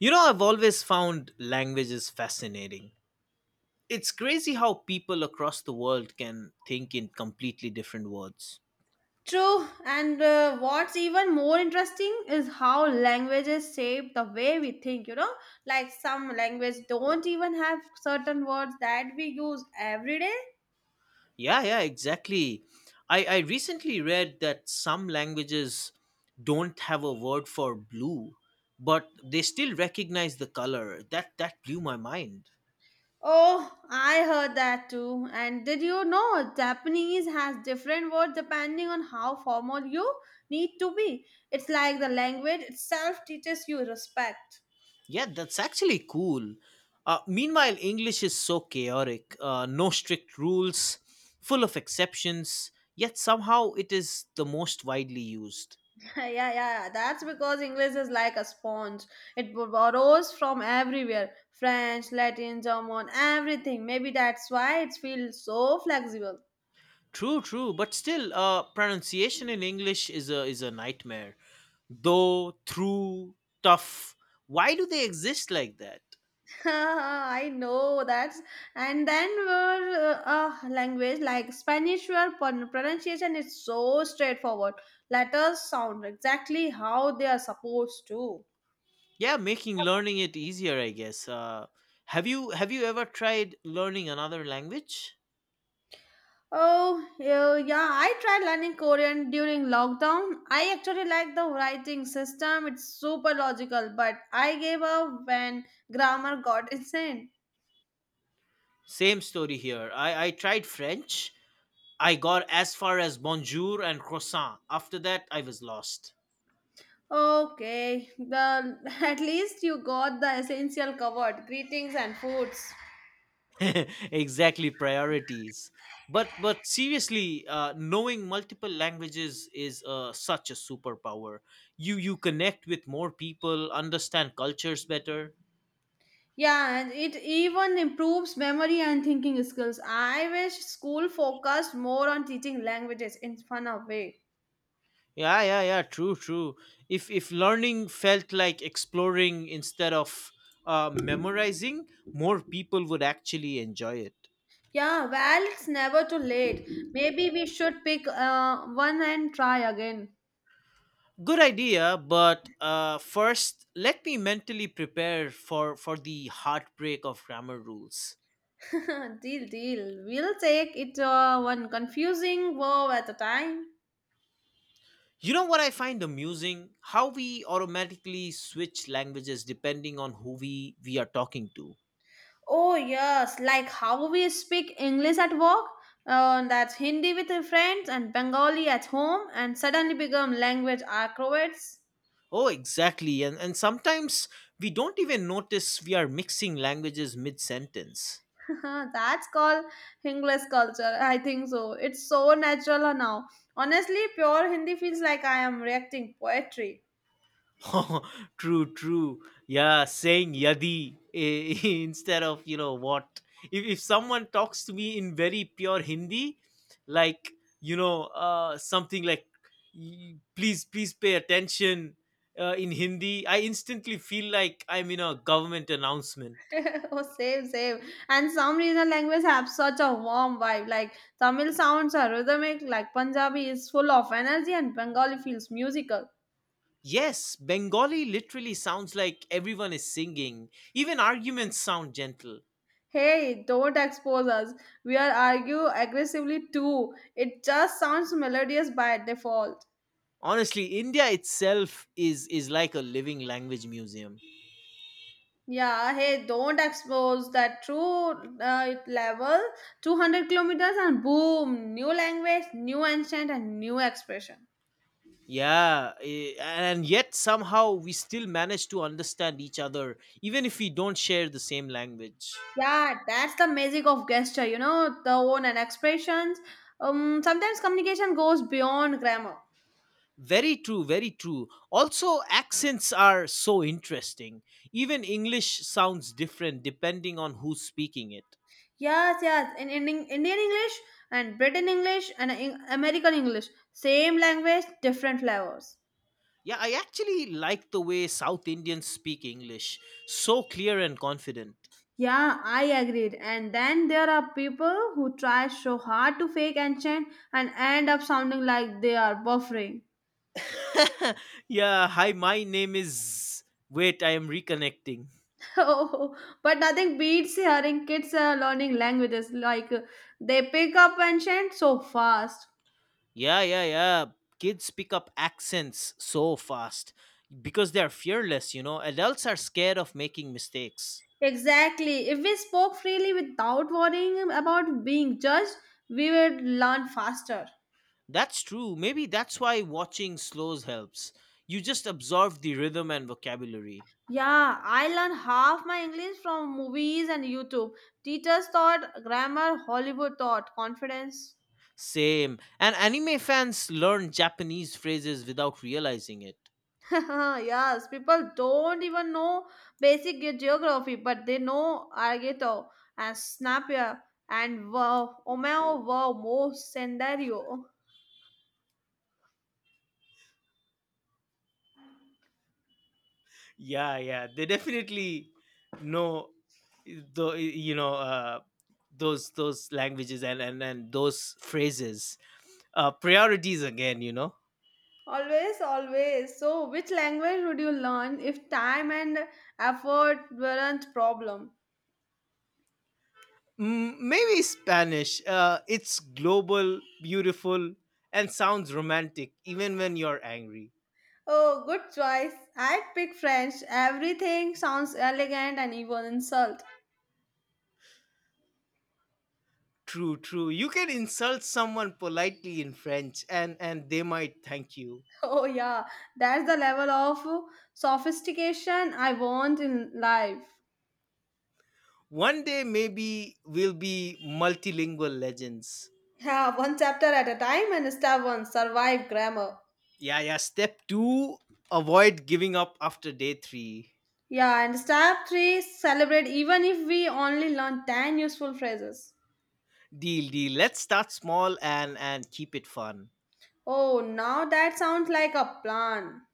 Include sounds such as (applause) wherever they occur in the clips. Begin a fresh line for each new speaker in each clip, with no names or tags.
You know, I've always found languages fascinating. It's crazy how people across the world can think in completely different words.
True, and what's even more interesting is how languages shape the way we think, you know? Like some languages don't even have certain words that we use every day.
Yeah, yeah, exactly. I recently read that some languages don't have a word for blue, but they still recognize the color. That blew my mind.
Oh, I heard that too. And did you know Japanese has different words depending on how formal you need to be? It's like the language itself teaches you respect.
Yeah, that's actually cool. Meanwhile, English is so chaotic, no strict rules, full of exceptions, yet somehow it is the most widely used.
(laughs) Yeah, yeah, that's because English is like a sponge. It borrows from everywhere French, Latin, German, everything. Maybe that's why it feels so flexible.
True, true, but still, pronunciation in English is a nightmare. Though, through, tough. Why do they exist like that?
(laughs) I know that's. And then we language like Spanish, where pronunciation is so straightforward. Letters sound exactly how they are supposed to.
Yeah, making learning it easier, I guess. Have you ever tried learning another language?
Oh, yeah, yeah, I tried learning Korean during lockdown. I actually like the writing system, it's super logical, but I gave up when grammar got (laughs) insane.
Same story here. I tried French. I got as far as bonjour and croissant. After that, I was lost.
Okay, the (laughs) at least you got the essential covered, greetings and foods.
(laughs) Exactly, priorities. But seriously, knowing multiple languages is such a superpower. You connect with more people, understand cultures better.
Yeah, and it even improves memory and thinking skills. I wish school focused more on teaching languages in fun way.
Yeah, yeah, yeah. True, true. If learning felt like exploring instead of memorizing, more people would actually enjoy it.
Yeah, well, it's never too late. Maybe we should pick one and try again.
Good idea, but first, let me mentally prepare for the heartbreak of grammar rules.
(laughs) Deal, deal. We'll take it one confusing verb at a time.
You know what I find amusing? How we automatically switch languages depending on who we are talking to.
Oh, yes, like how we speak English at work, that's Hindi with your friends, and Bengali at home, and suddenly become language acrobats.
Oh, exactly. And sometimes we don't even notice we are mixing languages mid sentence.
(laughs) That's called English culture. I think so. It's so natural now. Honestly, pure Hindi feels like I am reacting poetry.
(laughs) True, true. Yeah, saying yadi eh, (laughs) instead of you know what. If someone talks to me in very pure Hindi, like something like please pay attention in Hindi," I instantly feel like I'm in a government announcement.
(laughs) Oh, same, same. And some regional languages have such a warm vibe. Like Tamil sounds are rhythmic, like Punjabi is full of energy, and Bengali feels musical.
Yes, Bengali literally sounds like everyone is singing. Even arguments sound gentle.
Hey, don't expose us. We are argue aggressively too. It just sounds melodious by default.
Honestly, India itself is like a living language museum.
Yeah, hey, don't expose that true level. 200 kilometers and boom, new language, new ancient, and new expression.
Yeah, eh, and yet somehow we still manage to understand each other, even if we don't share the same language.
Yeah, that's the magic of gesture, you know, the tone and expressions. Sometimes communication goes beyond grammar.
Very true, very true. Also, accents are so interesting. Even English sounds different depending on who's speaking it.
Yes, yes, Indian English and Britain English and in American English, same language, different flavors.
Yeah, I actually like the way South Indians speak English. So clear and confident.
Yeah, I agreed. And then there are people who try so hard to fake and chant and end up sounding like they are buffering.
(laughs) Yeah, hi, my name is. Wait, I am reconnecting.
(laughs) Oh, but nothing beats hearing kids learning languages like they pick up and chant so fast.
Yeah, yeah, yeah. Kids pick up accents so fast because they're fearless, you know. Adults are scared of making mistakes.
Exactly. If we spoke freely without worrying about being judged, we would learn faster.
That's true. Maybe that's why watching slows helps. You just absorb the rhythm and vocabulary.
Yeah, I learned half my English from movies and YouTube. Teachers taught grammar, Hollywood taught confidence.
Same. And anime fans learn Japanese phrases without realizing it.
(laughs) Yes, people don't even know basic geography, but they know Argeto and Snapia and wow, Omeo, wow, Mo, Sendario.
Yeah, yeah, they definitely know the those languages and those phrases. Priorities again, you know.
Always, always. So, which language would you learn if time and effort weren't problem?
Mm, maybe Spanish. It's global, beautiful, and sounds romantic even when you're angry.
Oh, good choice. I'd pick French. Everything sounds elegant and even insult. (laughs)
True, true. You can insult someone politely in French and they might thank you.
Oh yeah, that's the level of sophistication I want in life.
One day, maybe we'll be multilingual legends.
Yeah, one chapter at a time and step one, survive grammar.
Yeah, yeah. Step two, avoid giving up after day three.
Yeah, and step three, celebrate even if we only learn 10 useful phrases.
Deal, deal. Let's start small and keep it fun.
Oh, now that sounds like a plan.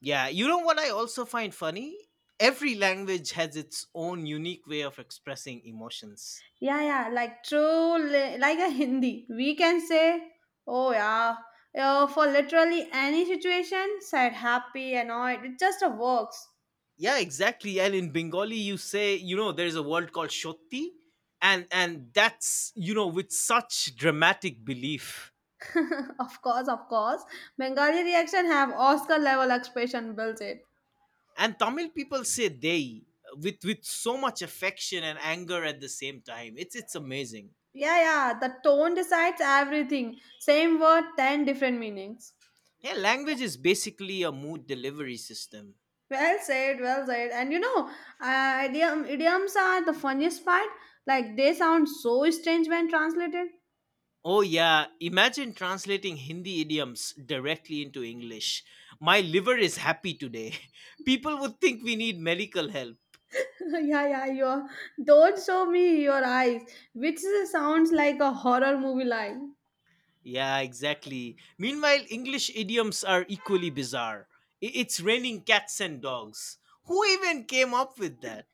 Yeah, you know what I also find funny? Every language has its own unique way of expressing emotions.
Yeah, yeah, like true, like a Hindi. We can say, oh yeah, yeah, for literally any situation, sad, happy, annoyed. It just a works.
Yeah, exactly. And in Bengali, you say, you know, there's a word called shotti, and that's you know with such dramatic belief.
(laughs) Of course, of course. Bengali reaction have Oscar level expression built in.
And Tamil people say "dei" with so much affection and anger at the same time. It's amazing.
Yeah, yeah, the tone decides everything. Same word, 10 different meanings.
Yeah, language is basically a mood delivery system.
Well said, well said. And you know, idioms are the funniest part. Like they sound so strange when translated.
Oh, yeah. Imagine translating Hindi idioms directly into English. My liver is happy today. (laughs) People would think we need medical help.
(laughs) Yeah, yeah, your don't show me your eyes, which sounds like a horror movie line.
Yeah, exactly. Meanwhile, English idioms are equally bizarre. It's raining cats and dogs. Who even came up with that?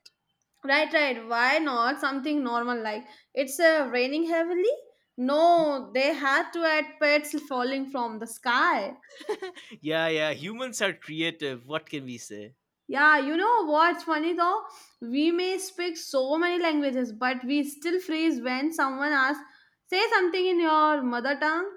Right, right. Why not something normal like it's raining heavily? No, they had to add pets falling from the sky.
Yeah, yeah. Humans are creative. What can we say?
Yeah, you know what's funny though? We may speak so many languages, but we still freeze when someone asks, say something in your mother tongue.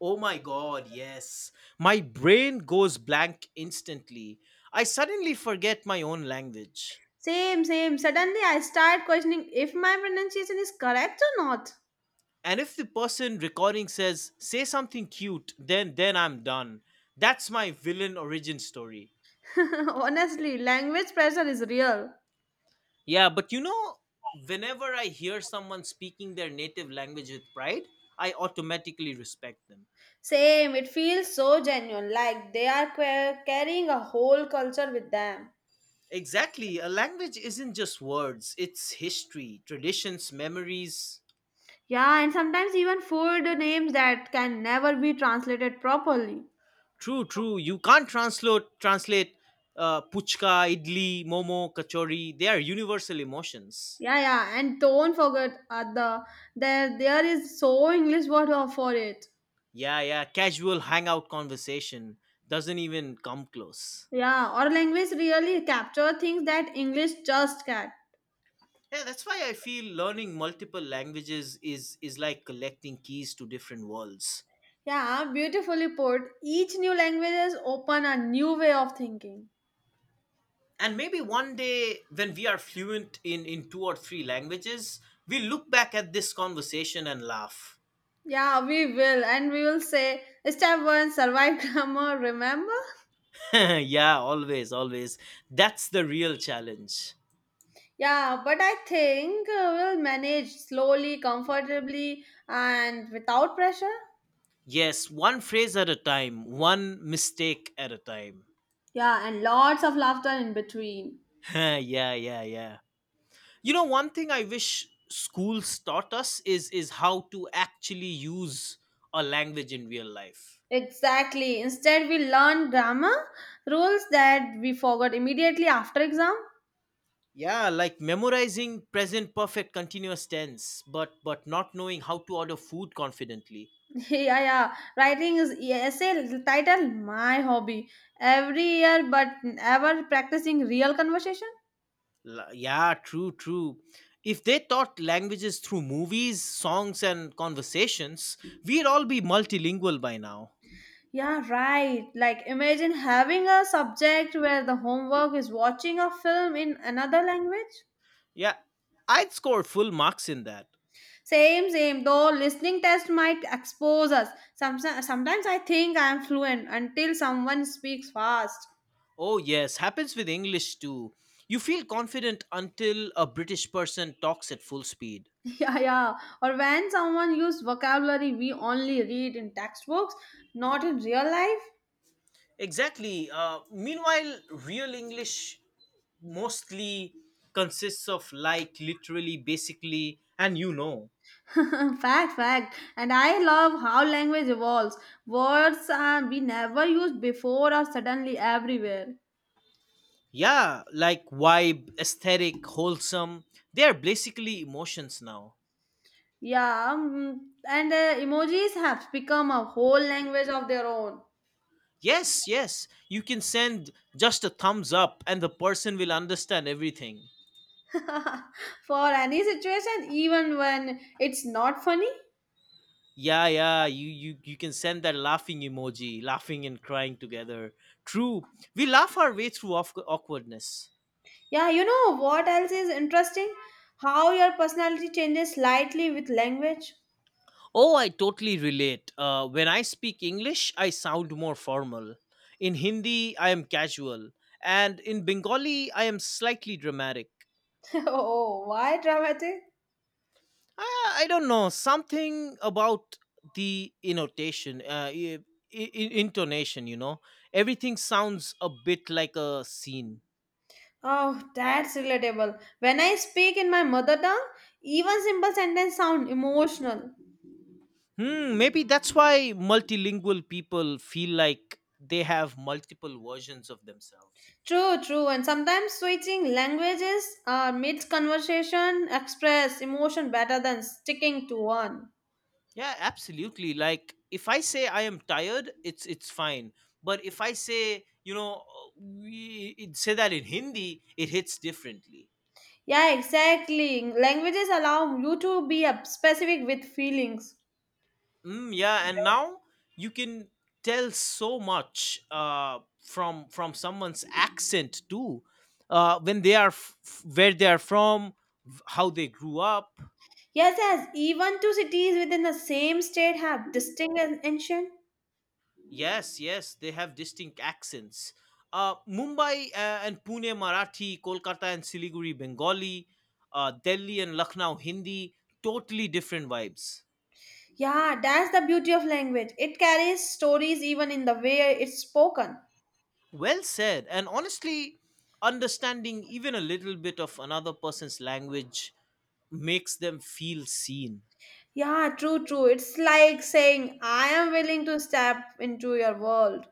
Oh my god, yes. My brain goes blank instantly. I suddenly forget my own language.
Same, same. Suddenly I start questioning if my pronunciation is correct or not.
And if the person recording says say something cute, then I'm done. That's my villain origin story.
(laughs) Honestly, language pressure is real.
Yeah, but you know, whenever I hear someone speaking their native language with pride, I automatically respect them.
Same, it feels so genuine, like they are carrying a whole culture with them.
Exactly, a language isn't just words, it's history, traditions, memories.
Yeah, and sometimes even food names that can never be translated properly.
True, true. You can't translate puchka, idli, momo, kachori. They are universal emotions.
Yeah, yeah, and don't forget the there there is so English word for it.
Yeah, yeah. Casual hangout conversation doesn't even come close.
Yeah, our language really capture things that English just can.
Yeah, that's why I feel learning multiple languages is like collecting keys to different worlds.
Yeah, beautifully put. Each new languages open a new way of thinking.
And maybe one day when we are fluent in two or three languages, we look back at this conversation and laugh.
Yeah, we will. And we will say step one, survive (laughs) grammar, remember?
(laughs) Yeah, always, always. That's the real challenge.
Yeah, but I think we'll manage slowly, comfortably, and without pressure.
Yes, one phrase at a time, one mistake at a time.
Yeah, and lots of laughter in between.
(laughs) Yeah, yeah, yeah. You know, one thing I wish schools taught us is how to actually use a language in real life.
Exactly. Instead, we learn grammar rules that we forgot immediately after exam. (laughs)
Yeah, like memorizing present perfect continuous tense, but not knowing how to order food confidently.
Yeah, yeah. Writing is essay title my hobby every year, but ever practicing real conversation.
Yeah, true, true. If they taught languages through movies, songs and conversations, we'd all be multilingual by now.
Yeah, right. Like, imagine having a subject where the homework is watching a film in another language.
Yeah, I'd score full marks in that.
Same, same. Though listening test might expose us. Sometimes I think I am fluent until someone speaks fast.
Oh, yes, happens with English too. You feel confident until a British person talks at full speed.
(laughs) Yeah, yeah. Or when someone uses vocabulary we only read in textbooks, not in real life.
Exactly. Meanwhile, real English mostly consists of like, literally, basically, and you know.
(laughs) Fact, fact. And I love how language evolves. Words we never used before are suddenly everywhere.
Yeah, like vibe, aesthetic, wholesome. They are basically emotions now.
Yeah, and emojis have become a whole language of their own.
Yes, yes. You can send just a thumbs up and the person will understand everything.
(laughs) For any situation, even when it's not funny.
Yeah, yeah, you can send that laughing emoji, laughing and crying together. True. We laugh our way through awkwardness.
Yeah, you know what else is interesting? How your personality changes slightly with language.
Oh, I totally relate. When I speak English, I sound more formal. In Hindi, I am casual, and in Bengali, I am slightly dramatic.
(laughs) Oh, why dramatic?
I don't know, something about the intonation, i- intonation. You know, everything sounds a bit like a scene.
Oh, that's relatable. When I speak in my mother tongue, even simple sentences sound emotional.
Hmm, maybe that's why multilingual people feel like they have multiple versions of themselves.
True, true. And sometimes switching languages or mid conversation express emotion better than sticking to one.
Yeah, absolutely. Like if I say I am tired, it's fine. But if I say, you know, we say that in Hindi, it hits differently.
Yeah, exactly. Languages allow you to be specific with feelings.
Mm, yeah, and now you can tell so much from someone's accent too, when they are where they are from, how they grew up.
Yes, yes. Even two cities within the same state have distinct and ancient.
Yes, yes, they have distinct accents. Mumbai and Pune Marathi, Kolkata and Siliguri Bengali, Delhi and Lucknow Hindi, totally different vibes.
Yeah, that's the beauty of language. It carries stories even in the way it's spoken.
Well said. And honestly, understanding even a little bit of another person's language makes them feel seen.
Yeah, true, true. It's like saying, I am willing to step into your world.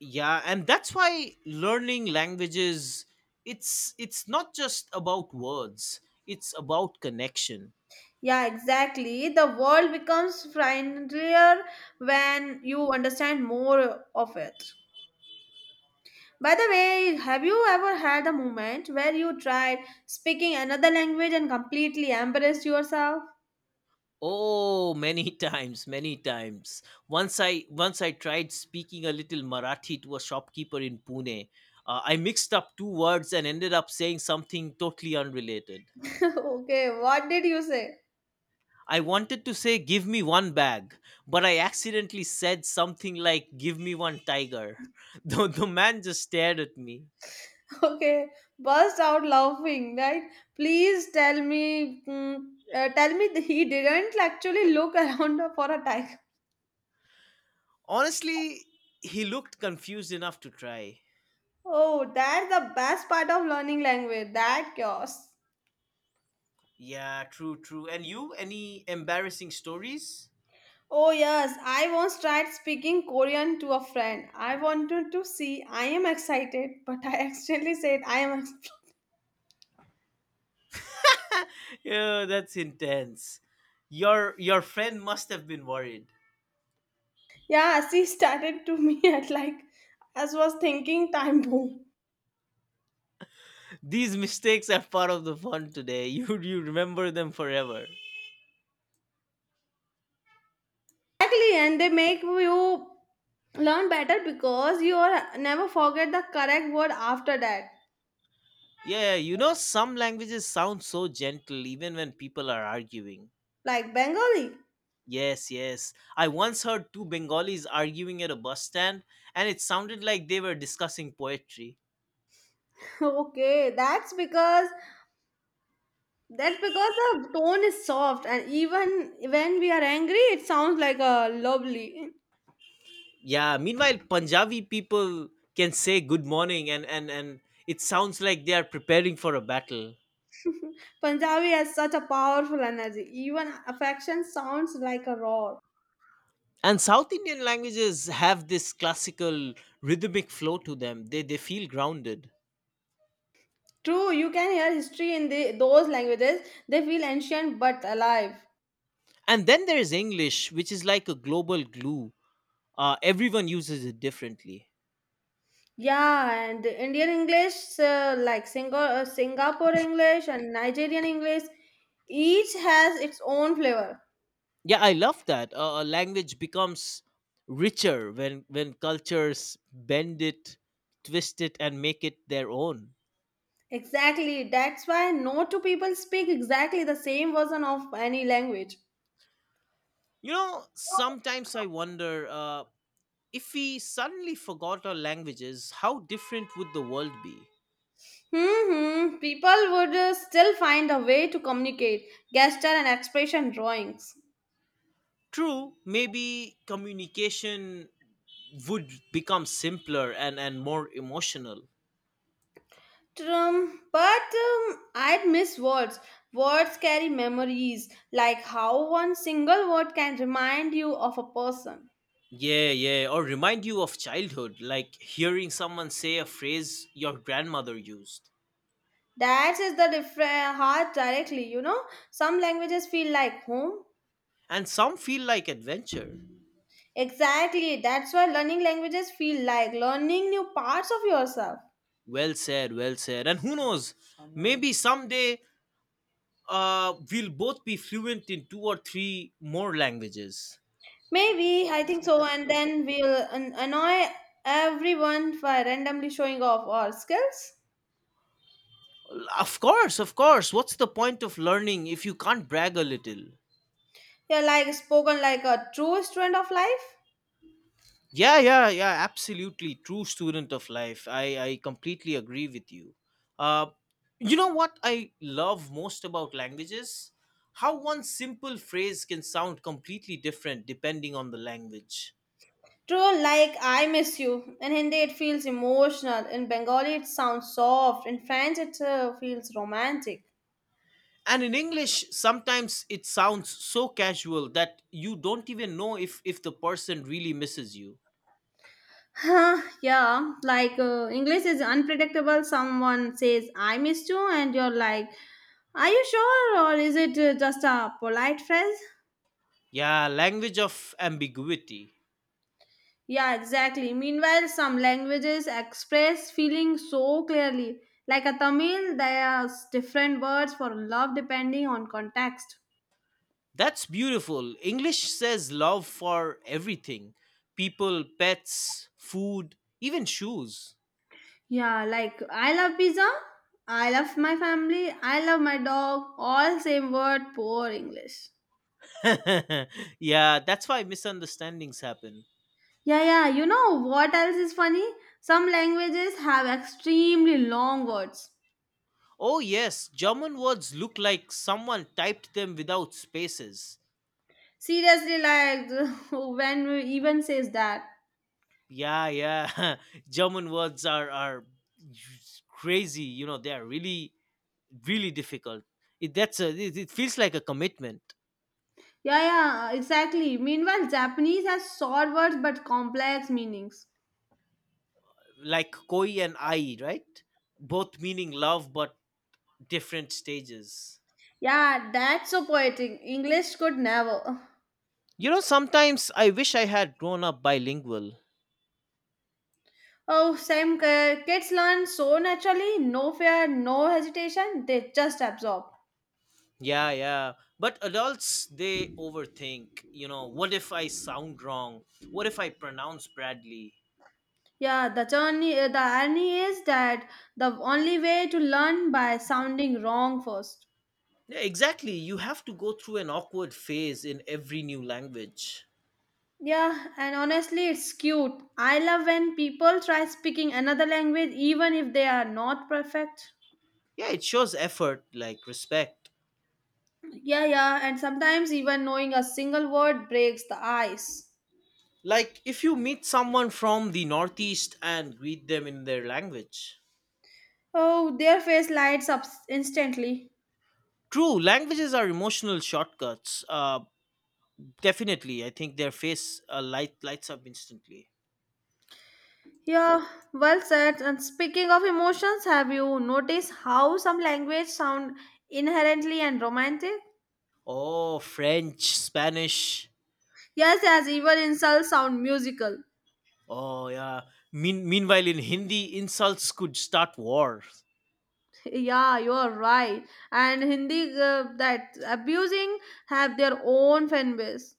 Yeah, and that's why learning languages, it's not just about words, it's about connection.
Yeah, exactly. The world becomes friendlier when you understand more of it. By the way, have you ever had a moment where you tried speaking another language and completely embarrassed yourself?
Oh, many (laughs) times, many times. Once I tried speaking a little Marathi to a shopkeeper in Pune. I mixed up two words and ended up saying something totally unrelated.
(laughs) Okay, what did you say?
I wanted to say "give me one bag," but I accidentally said something like "give me one tiger." (laughs) The man just stared at me.
(laughs) Okay, burst out laughing, right? Please tell me, tell me (laughs) that he didn't actually look (laughs) around for a tiger.
Honestly, he looked confused enough to try.
Oh, that's the best part of learning language, that chaos.
Yeah, true, true. And you, any embarrassing stories?
Oh, yes, I once tried speaking Korean to a friend. I wanted to see, I am excited, (laughs) but I accidentally said, I am. Ex-" (laughs)
Yeah, that's intense. Your friend must have been worried.
Yeah, she started to me (laughs) at like, as was thinking time boom.
These mistakes are part of the fun today. (laughs) You remember them forever.
Exactly, and they make you learn better because you are never forget the correct word after that,
Yeah, you know some languages sound so gentle even when people are arguing.
like Bengali. (laughs)
Yes, yes. I once heard two Bengalis arguing at a bus stand and it sounded like they were discussing poetry.
Okay, that's because the tone is soft, and even when we are angry, it sounds like a lovely.
Yeah, meanwhile Punjabi people can say good morning and and it sounds like they are preparing for a battle.
Punjabi has such a powerful energy. Even affection sounds like a roar.
And south Indian languages have this classical rhythmic flow to them. They feel grounded.
True, you can hear history in the, those languages. They feel ancient but alive.
And then there's English, which is like a global glue. Everyone uses it differently.
Yeah, and the Indian English, like Singapore English and Nigerian English, each has its own flavor.
Yeah, I love that, a language becomes richer when cultures bend it, twist it and make it their own.
Exactly. That's why no two people speak exactly the same version of any language.
You know, sometimes I wonder, if we suddenly forgot our languages, how different would the world be?
Hmm. People would still find a way to communicate. Gesture and expression drawings.
True, maybe communication would become simpler and more emotional.
But I'd miss words. Words carry memories, like how one single word can remind you of a person.
Yeah, yeah, or remind you of childhood, like hearing someone say a phrase your grandmother used.
That is the different heart directly, you know. Some languages feel like home.
And some feel like adventure.
Exactly, that's why learning languages feel like learning new parts of yourself.
Well said, well said. And who knows, maybe someday we'll both be fluent in two or three more languages.
Maybe, I think so, and then we'll annoy everyone by randomly showing off our skills.
Of course, of course. What's the point of learning if you can't brag a little?
You're like spoken like a true student of life.
Yeah, yeah, yeah, absolutely. True student of life. I completely agree with you. Uh, you know what I love most about languages? How one simple phrase can sound completely different depending on the language.
True, like I miss you. In Hindi, it feels emotional. In Bengali, it sounds soft. In French, it feels romantic.
And in English, sometimes it sounds so casual that you don't even know if the person really misses you.
Huh, yeah, like English is unpredictable. Someone says, I miss you, and you're like, are you sure? Or is it just a polite phrase?
Yeah, language of ambiguity.
Yeah, exactly. Meanwhile, some languages express feeling so clearly. Like a Tamil, there's different words for love depending on context.
That's beautiful. English says love for everything, people, pets, food, even shoes.
Yeah, like I love pizza, I love my family, I love my dog, all same word, poor English.
(laughs) Yeah, that's why misunderstandings happen.
Yeah, yeah, you know what else is funny? Some languages have extremely long words.
Oh, yes, German words look like someone typed them without spaces.
Seriously, like (laughs) when we even says that.
Yeah, yeah. (laughs) German words are crazy. You know, they are really difficult. It feels like a commitment,
Yeah, yeah, exactly. Meanwhile, Japanese has short words but complex meanings.
like koi and ai, right? Both meaning love, but different stages.
Yeah, that's so poetic. English could never. (laughs)
You know, sometimes I wish I had grown up bilingual.
Oh, same kids learn so naturally, no fear, no hesitation, they just absorb.
Yeah, yeah. But adults, they overthink. You know, what if I sound wrong? What if I pronounce Bradley?
Yeah, the journey, the irony is that the only way to learn by sounding wrong first.
Yeah, exactly. You have to go through an awkward phase in every new language.
Yeah, and honestly, it's cute. I love when people try speaking another language even if they are not perfect.
Yeah, it shows effort, like respect.
Yeah, yeah, and sometimes even knowing a single word breaks the ice.
Like if you meet someone from the Northeast and greet them in their language.
Oh, their face lights up instantly.
True, languages are emotional shortcuts. Definitely, I think their face lights up instantly.
Yeah, well said. And speaking of emotions, have you noticed how some language sound inherently and romantic?
Oh, French, Spanish.
Yes, yes, even insults sound musical. (laughs)
Oh yeah. Meanwhile, in Hindi, insults could start wars. (laughs)
Yeah, you are right. And Hindi that abusing have their own fan base.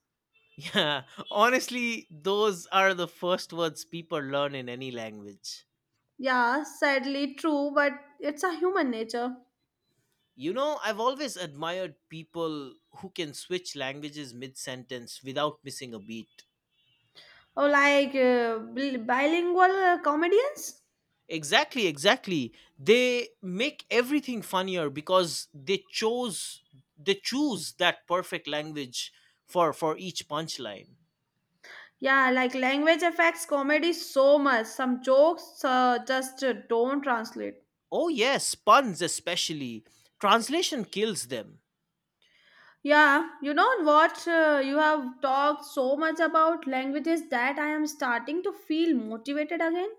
Yeah, honestly, those are the first words people learn in any language.
Yeah, sadly true, but it's a human nature.
You know, I've always admired people who can switch languages mid sentence without missing a beat.
Oh, like bilingual comedians?
Exactly. They make everything funnier because they choose that perfect language for each punchline.
Yeah, like language affects comedy so much. Some jokes just don't translate.
Oh yes, puns especially. Translation kills them.
Yeah, you know what? You have talked so much about languages that I am starting to feel motivated again.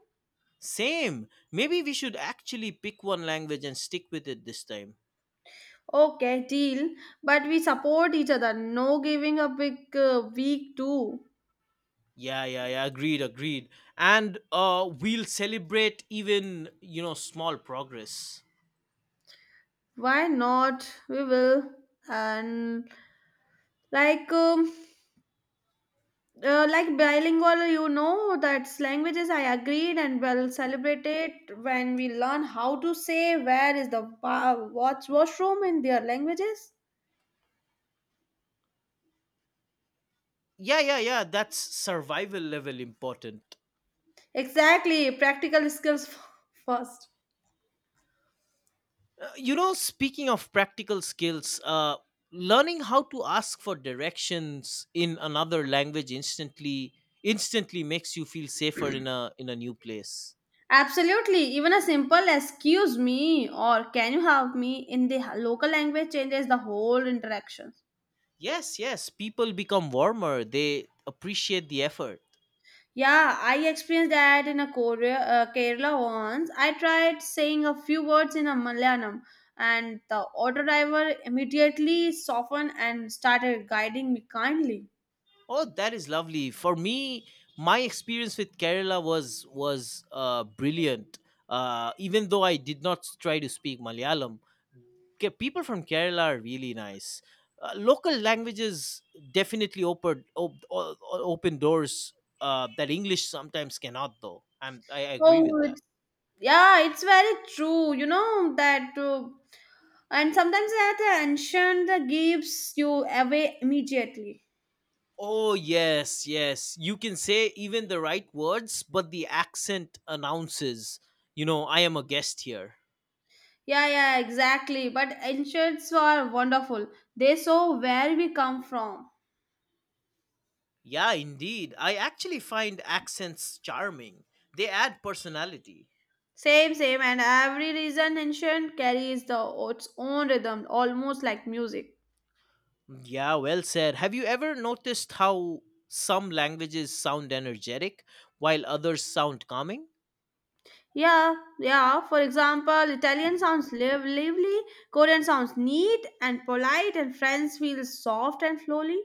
Same. Maybe we should actually pick one language and stick with it this time.
Okay, deal. But we support each other. No giving up Week week two.
Yeah, yeah, yeah. Agreed. And we'll celebrate even small progress.
Why not? We will. And like um, like bilingual, you know that's languages. I agreed, and we'll celebrate it when we learn how to say where is the what's washroom in their languages.
Yeah, yeah, yeah. That's survival level important.
Exactly, practical skills first.
You know, speaking of practical skills, learning how to ask for directions in another language instantly makes you feel safer in a new place.
Absolutely, even a simple excuse me or can you help me in the local language changes the whole interaction.
Yes, yes, people become warmer, they appreciate the effort.
Yeah, I experienced that in a Korea, Kerala once. I tried saying a few words in a Malayalam and the auto driver immediately softened and started guiding me kindly.
Oh, that is lovely. For me, my experience with Kerala was brilliant, uh, even though I did not try to speak Malayalam. People from Kerala are really nice. Local languages definitely open op, o- o- open doors that English sometimes cannot, though. I agree with
Oh,
that.
it's, yeah, it's very true. You know that, and sometimes that ancient gives you away immediately.
Oh yes, yes. You can say even the right words, but the accent announces, you know, I am a guest here.
Yeah, yeah, exactly. But ancients are wonderful. They show where we come from.
Yeah, indeed. I actually find accents charming. They add personality.
Same, same, and every reason ancient carries the its own rhythm, almost like music.
Yeah, well said. Have you ever noticed how some languages sound energetic while others sound calming?
Yeah, yeah. For example, Italian sounds lively, Korean sounds neat and polite, and French feels soft and flowy.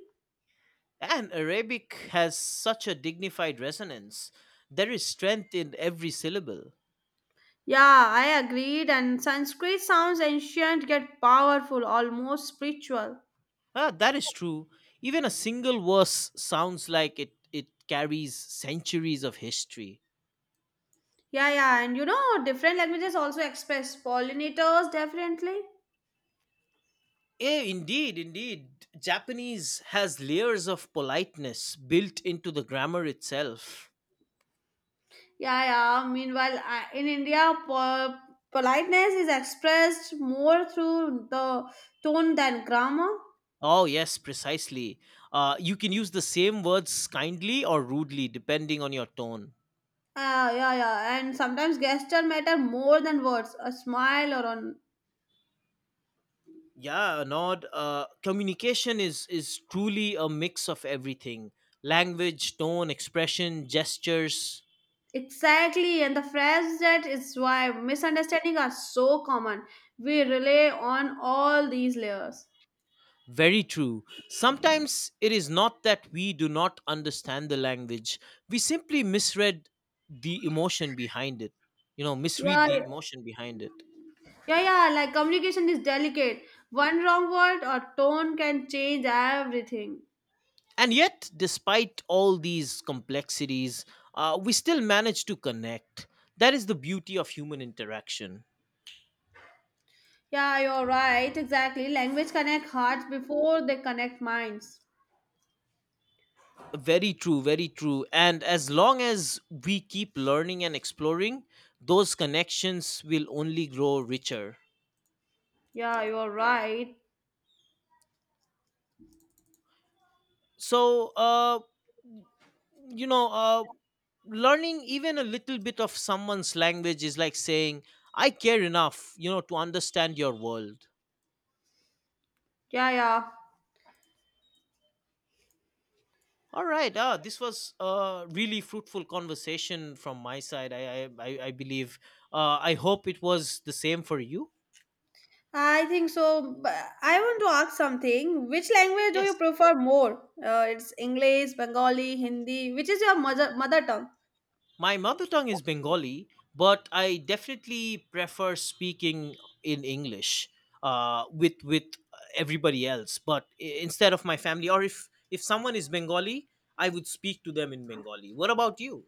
And Arabic has such a dignified resonance. There is strength in every syllable.
Yeah, I agreed. And Sanskrit sounds ancient yet powerful, almost spiritual.
Ah, that is true. Even a single verse sounds like it carries centuries of history.
Yeah, yeah, and you know, different languages also express pollinators differently.
Indeed. Japanese has layers of politeness built into the grammar itself.
Yeah, yeah. Meanwhile, in India, politeness is expressed more through the tone than grammar.
Oh, yes, precisely. You can use the same words kindly or rudely, depending on your tone.
Yeah, yeah, and sometimes gesture matter more than words. A smile or an
Yeah, nod, communication is truly a mix of everything: language, tone, expression, gestures.
exactly, and the phrase that is why misunderstandings are so common. We rely on all these layers.
Very true. Sometimes it is not that we do not understand the language, we simply misread the emotion behind it, you know,
Yeah,
misread
yeah,
the emotion behind it.
yeah. Yeah, like communication is delicate. One wrong word or tone can change everything.
And yet, despite all these complexities, we still manage to connect. That is the beauty of human interaction.
Yeah, you're right. Exactly. Language connect hearts before they connect minds.
Very true, very true. And as long as we keep learning and exploring, those connections will only grow richer.
Yeah, you're right.
So, you know, uh, learning even a little bit of someone's language is like saying, I care enough, you know, to understand your world.
Yeah, yeah.
All right. Ah, this was a really fruitful conversation from my side, I believe. I hope it was the same for you.
I think so. But I want to ask something. Which language do you
Yes.
prefer more? It's English, Bengali, Hindi. Which is your mother tongue?
My mother tongue is Bengali, but I definitely prefer speaking in English, with everybody else. But instead of my family, or if someone is Bengali, I would speak to them in Bengali. What about you?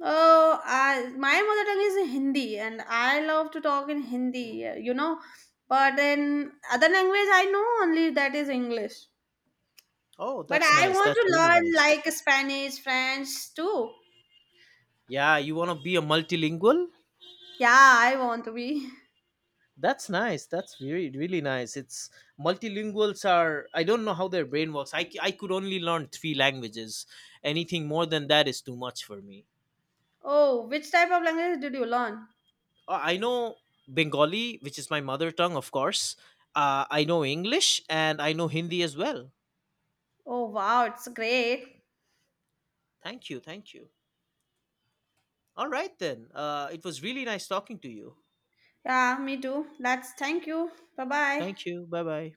Oh, I, my mother tongue is Hindi, and I love to talk in Hindi. You know, but in other language, I know only that is English.
Oh,
But
that's
I
nice.
want
That's
to
really
learn
nice.
like Spanish, French too.
Yeah, you want to be a multilingual?
Yeah, I want to be. (laughs)
That's nice. That's really really nice. It's, multilinguals are, I don't know how their brain works. I could only learn three languages. Anything more than that is too much for me.
Oh, which type of language did you learn?
I know Bengali, which is my mother tongue, of course. I know English and I know Hindi as well.
Oh, wow, it's great.
Thank you. Thank you. All right then. It was really nice talking to you.
Yeah, me too. That's thank you. Bye bye.
Thank you. Bye bye.